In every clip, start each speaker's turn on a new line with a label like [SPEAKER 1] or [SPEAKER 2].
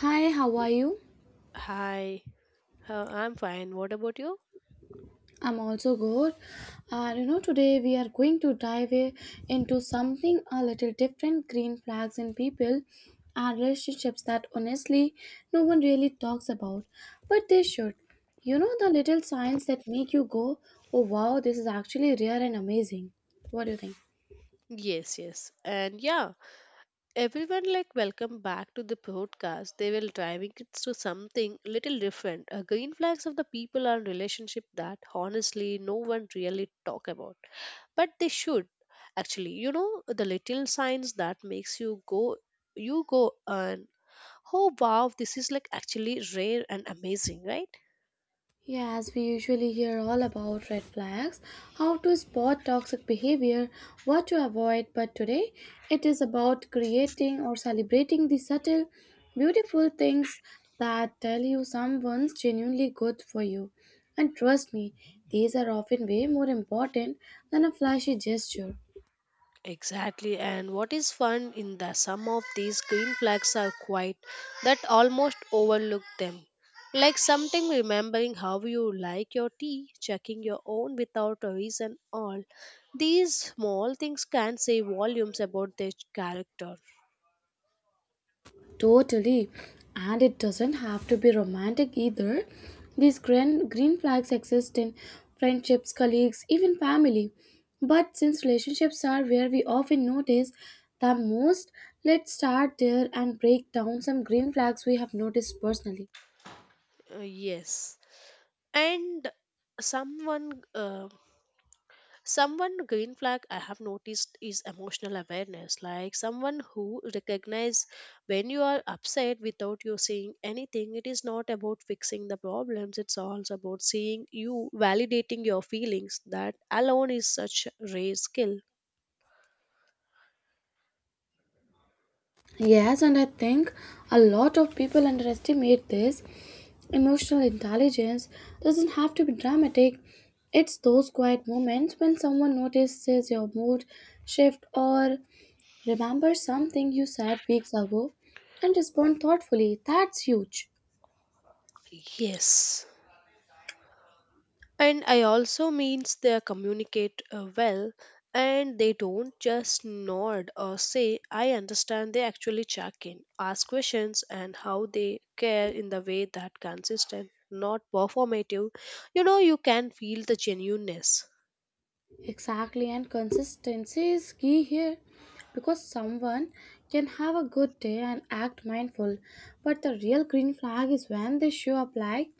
[SPEAKER 1] Hi, how are you?
[SPEAKER 2] Hi, I'm fine. What about you?
[SPEAKER 1] I'm also good. And you know, today we are going to into something a little different, green flags in people and relationships that honestly no one really talks about, but they should. You know, the little signs that make you go, oh wow, this is actually rare and amazing. What do you think?
[SPEAKER 2] Yes, yes. And yeah, everyone like welcome back to the podcast. They will driving it to something little different. Green flags of the people and relationship that honestly no one really talk about. But they should actually, you know, the little signs that makes you go and oh wow, this is like actually rare and amazing, right?
[SPEAKER 1] Yes, we usually hear all about red flags, how to spot toxic behavior, what to avoid, but today it is about creating or celebrating the subtle, beautiful things that tell you someone's genuinely good for you. And trust me, these are often way more important than a flashy gesture.
[SPEAKER 2] Exactly, and what is fun in that some of these green flags are quite that almost overlook them. Like something remembering how you like your tea, checking your own without a reason all. These small things can say volumes about their character.
[SPEAKER 1] Totally. And it doesn't have to be romantic either. These green flags exist in friendships, colleagues, even family. But since relationships are where we often notice the most, let's start there and break down some green flags we have noticed personally.
[SPEAKER 2] Yes. And someone uh, someone green flag I have noticed is emotional awareness, like someone who recognize when you are upset without you saying anything. It is not about fixing the problems, it's also about seeing you, validating your feelings. That alone is such a rare skill.
[SPEAKER 1] Yes, and I think a lot of people underestimate this. Emotional intelligence doesn't have to be dramatic. It's those quiet moments when someone notices your mood shift or remembers something you said weeks ago and respond thoughtfully. That's huge.
[SPEAKER 2] Yes, and I also means they communicate well, and they don't just nod or say I understand. They actually check in, ask questions, and how they care in the way that consistent, not performative. You know, you can feel the genuineness.
[SPEAKER 1] Exactly, and consistency is key here because someone can have a good day and act mindful, but the real green flag is when they show up like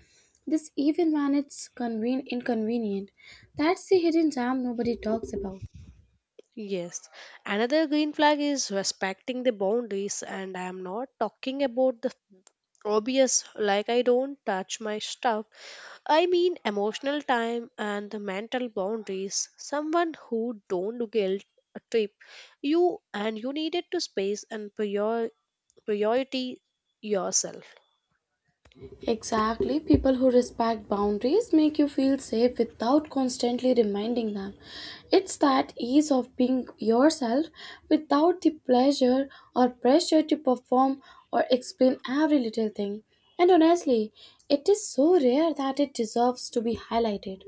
[SPEAKER 1] this, even when it's inconvenient. That's the hidden gem nobody talks about.
[SPEAKER 2] Yes, another green flag is respecting the boundaries, and I am not talking about the obvious like I don't touch my stuff. I mean emotional, time, and the mental boundaries. Someone who don't guilt a trip you and you needed to space and priority yourself.
[SPEAKER 1] Exactly. People who respect boundaries make you feel safe without constantly reminding them. It's that ease of being yourself without the pleasure or pressure to perform or explain every little thing. And honestly, it is so rare that it deserves to be highlighted.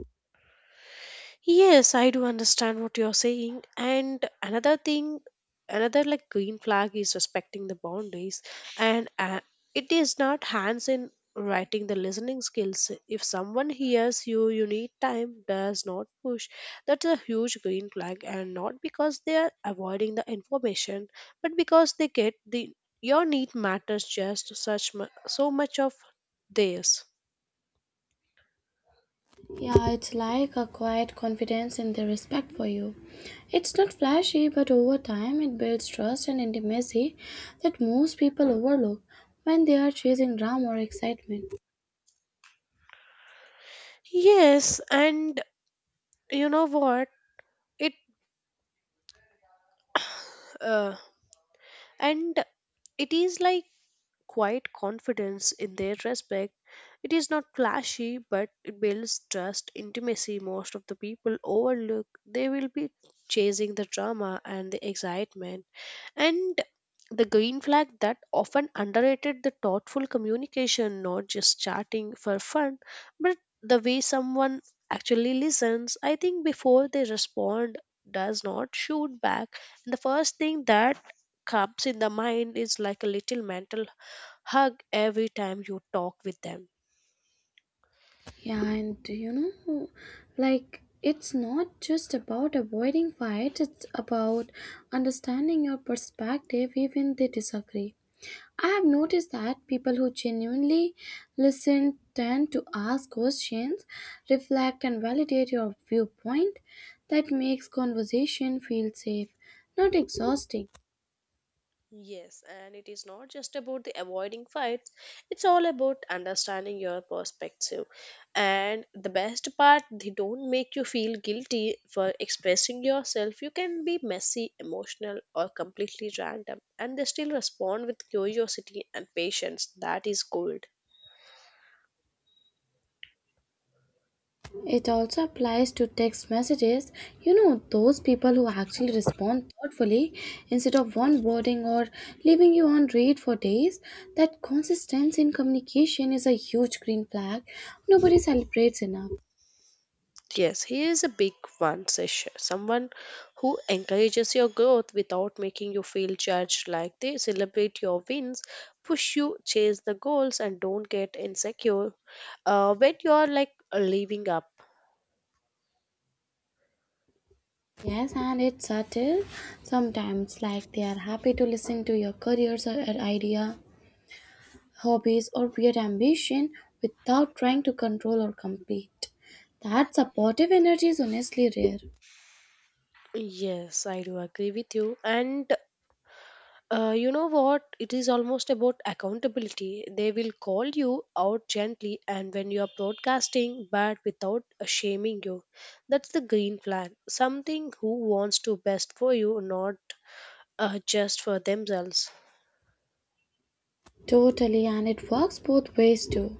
[SPEAKER 2] Yes, I do understand what you're saying. And another thing, another like green flag is respecting the boundaries. And it is not hands in writing the listening skills. If someone hears you, you need time, does not push. That's a huge green flag. And not because they are avoiding the information, but because they get the your need matters just such so much of theirs.
[SPEAKER 1] Yeah, it's like a quiet confidence in their respect for you. It's not flashy, but over time it builds trust and intimacy that most people overlook when they are chasing drama or excitement.
[SPEAKER 2] Yes, and you know what? It uh, and it is like quiet confidence in their respect. It is not flashy, but it builds trust, intimacy. Most of the people overlook. They will be chasing the drama and the excitement. And the green flag that often underrated the thoughtful communication, not just chatting for fun, but the way someone actually listens, I think before they respond, does not shoot back. The first thing that comes in the mind is like a little mental hug every time you talk with them.
[SPEAKER 1] Yeah, and you know, like it's not just about avoiding fights, it's about understanding your perspective even they disagree. I have noticed that people who genuinely listen tend to ask questions, reflect, and validate your viewpoint. That makes conversation feel safe, not exhausting.
[SPEAKER 2] Yes, and it is not just about the avoiding fights, it's all about understanding your perspective. And the best part, they don't make you feel guilty for expressing yourself. You can be messy, emotional, or completely random, and they still respond with curiosity and patience. That is gold.
[SPEAKER 1] It also applies to text messages. You know, those people who actually respond thoughtfully instead of one wording or leaving you on read for days. That consistency in communication is a huge green flag nobody celebrates enough.
[SPEAKER 2] Yes, he is a big one, Sish. Someone who encourages your growth without making you feel judged, like they celebrate your wins, push you, chase the goals, and don't get insecure when you are like living up.
[SPEAKER 1] Yes, and it's subtle. Sometimes, like they are happy to listen to your careers or idea, hobbies, or weird ambition without trying to control or compete. That supportive energy is honestly rare.
[SPEAKER 2] Yes, I do agree with you. And you know what? It is almost about accountability. They will call you out gently and when you are broadcasting, but without shaming you. That's the green flag. Something who wants to best for you, not just for themselves.
[SPEAKER 1] Totally, and it works both ways too.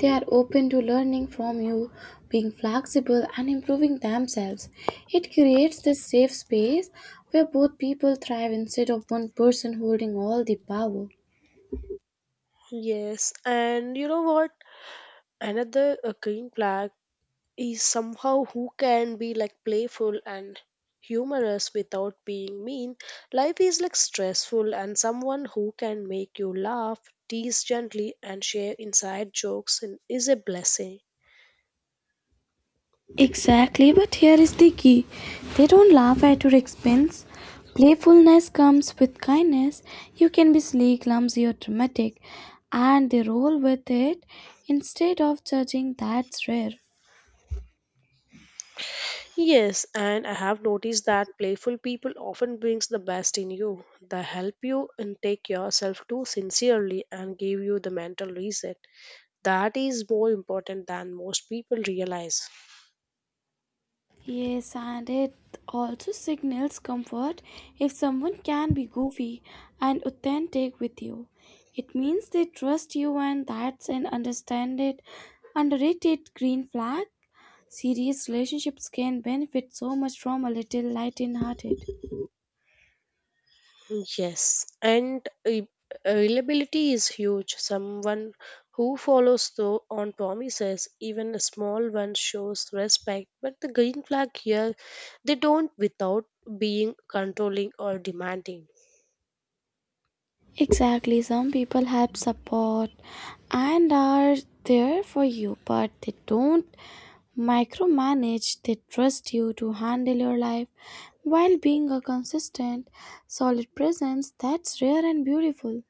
[SPEAKER 1] They are open to learning from you, being flexible, and improving themselves. It creates this safe space where both people thrive instead of one person holding all the power.
[SPEAKER 2] Yes, and you know what? Another green flag is somehow who can be like playful and humorous without being mean. Life is like stressful, and someone who can make you laugh, tease gently, and share inside jokes and is a blessing.
[SPEAKER 1] Exactly, but here is the key. They don't laugh at your expense. Playfulness comes with kindness. You can be sleek, clumsy, or dramatic, and they roll with it instead of judging. That's rare.
[SPEAKER 2] Yes, and I have noticed that playful people often brings the best in you. They help you and take yourself too sincerely and give you the mental reset. That is more important than most people realize.
[SPEAKER 1] Yes, and it also signals comfort if someone can be goofy and authentic with you. It means they trust you, and that's an understand it, underrated green flag. Serious relationships can benefit so much from a little light hearted.
[SPEAKER 2] Yes, and availability is huge. Someone who follows through on promises, even a small one, shows respect. But the green flag here, they don't without being controlling or demanding.
[SPEAKER 1] Exactly, some people have support and are there for you, but they don't micromanage, they trust you to handle your life while being a consistent, solid presence that's rare and beautiful.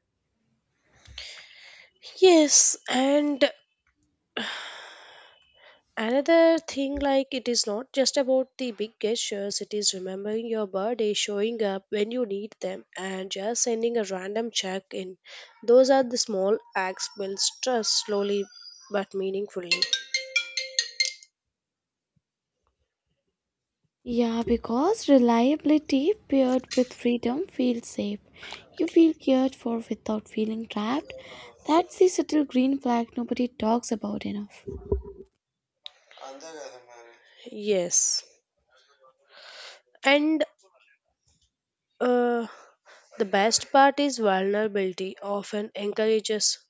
[SPEAKER 2] Yes, and another thing, like it is not just about the big gestures, it is remembering your birthday, showing up when you need them, and just sending a random check in. Those are the small acts builds trust slowly but meaningfully.
[SPEAKER 1] Yeah, because reliability paired with freedom feels safe. You feel cared for without feeling trapped. That's the subtle green flag nobody talks about enough.
[SPEAKER 2] Yes. And uh, the best part is vulnerability often encourages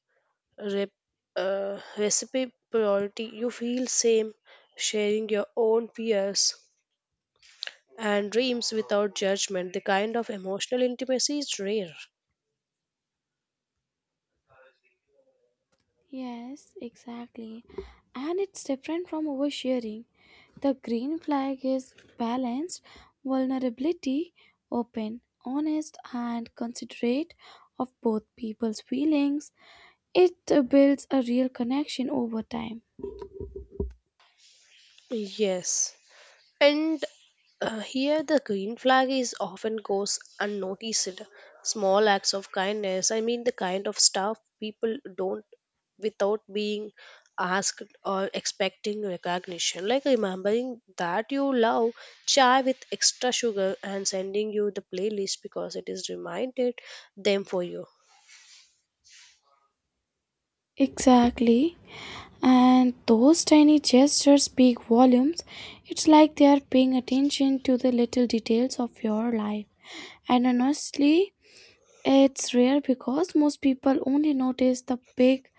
[SPEAKER 2] rep- reciprocity. You feel same sharing your own fears and dreams without judgment. The kind of emotional intimacy is rare.
[SPEAKER 1] Yes, exactly. And it's different from oversharing. The green flag is balanced, vulnerability, open, honest, and considerate of both people's feelings. It builds a real connection over time.
[SPEAKER 2] Yes. And here the green flag is often goes unnoticed. Small acts of kindness, I mean the kind of stuff people don't without being asked or expecting recognition. Like remembering that you love chai with extra sugar and sending you the playlist because it is reminded them for you.
[SPEAKER 1] Exactly. And those tiny gestures speak volumes. It's like they are paying attention to the little details of your life. And honestly, it's rare because most people only notice the big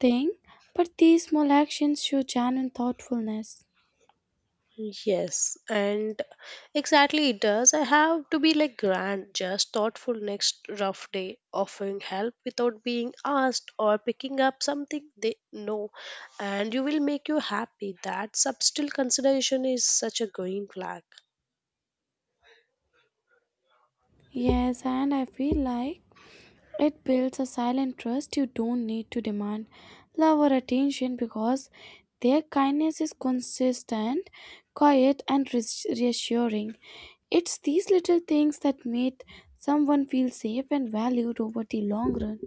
[SPEAKER 1] thing, but these small actions show genuine thoughtfulness.
[SPEAKER 2] Yes, and exactly it does. I have to be like grand, just thoughtful next rough day, offering help without being asked or picking up something they know, and you will make you happy. That subtle consideration is such a green flag.
[SPEAKER 1] Yes, and I feel like it builds a silent trust. You don't need to demand love or attention because their kindness is consistent, quiet, and reassuring. It's these little things that make someone feel safe and valued over the long run.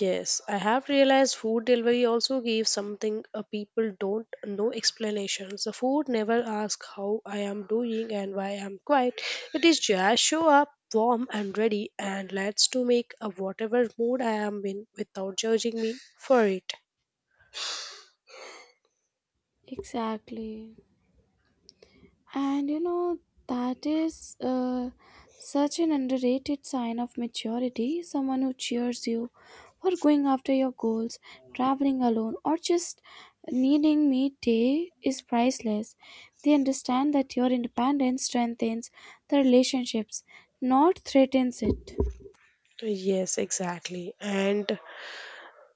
[SPEAKER 2] Yes, I have realized food delivery also gives something people don't no explanations. The food never asks how I am doing and why I'm quiet. It is just show up warm and ready and lets to make a whatever mood I am in without judging me for it.
[SPEAKER 1] Exactly. And you know, that is such an underrated sign of maturity. Someone who cheers you for going after your goals, traveling alone, or just needing me day is priceless. They understand that your independence strengthens the relationships, not threatens it.
[SPEAKER 2] Yes, exactly. And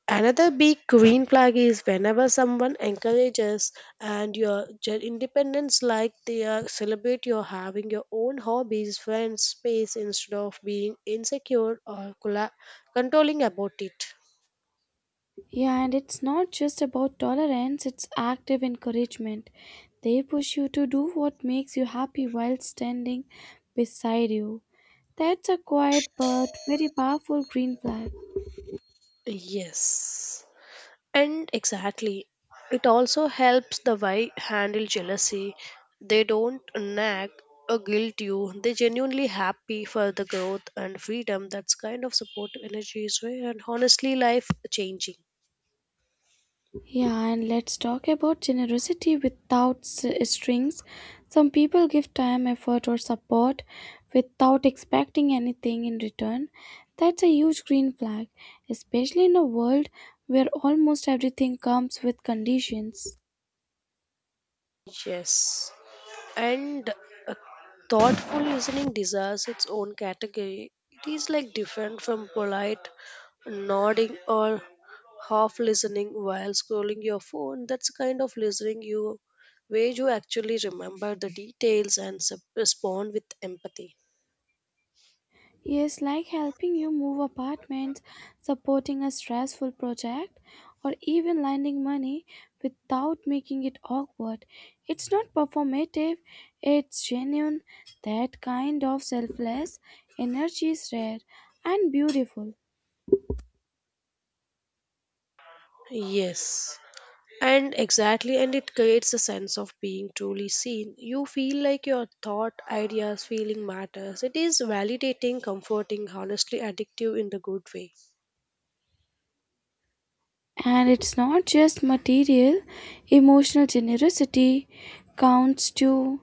[SPEAKER 2] another big green flag is whenever someone encourages and your independence, like they are celebrate your having your own hobbies, friends, space instead of being insecure or controlling about it.
[SPEAKER 1] Yeah, and it's not just about tolerance, it's active encouragement. They push you to do what makes you happy while standing beside you. That's a quiet but very powerful green flag.
[SPEAKER 2] Yes. And exactly, it also helps the wife handle jealousy. They don't nag or guilt you. They genuinely happy for the growth and freedom. That's kind of supportive energy is rare and honestly life changing.
[SPEAKER 1] Yeah, and let's talk about generosity without strings. Some people give time, effort, or support without expecting anything in return. That's a huge green flag, especially in a world where almost everything comes with conditions.
[SPEAKER 2] Yes. And uh, thoughtful listening deserves its own category. It is like different from polite nodding or half listening while scrolling your phone. That's the kind of listening you where you actually remember the details and respond with empathy.
[SPEAKER 1] Yes, like helping you move apartments, supporting a stressful project, or even lending money without making it awkward. It's not performative, it's genuine. That kind of selfless energy is rare and beautiful.
[SPEAKER 2] Yes. And exactly, and it creates a sense of being truly seen. You feel like your thought, ideas, feeling matters. It is validating, comforting, honestly addictive in the good way.
[SPEAKER 1] And it's not just material, emotional generosity counts too.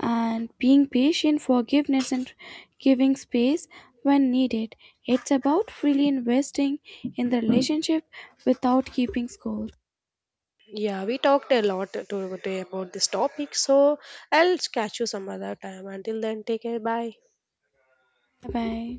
[SPEAKER 1] And being patient, forgiveness, and giving space when needed. It's about freely investing in the relationship without keeping score.
[SPEAKER 2] Yeah, we talked a lot today about this topic, so I'll catch you some other time. Until then, take care. Bye.
[SPEAKER 1] Bye bye.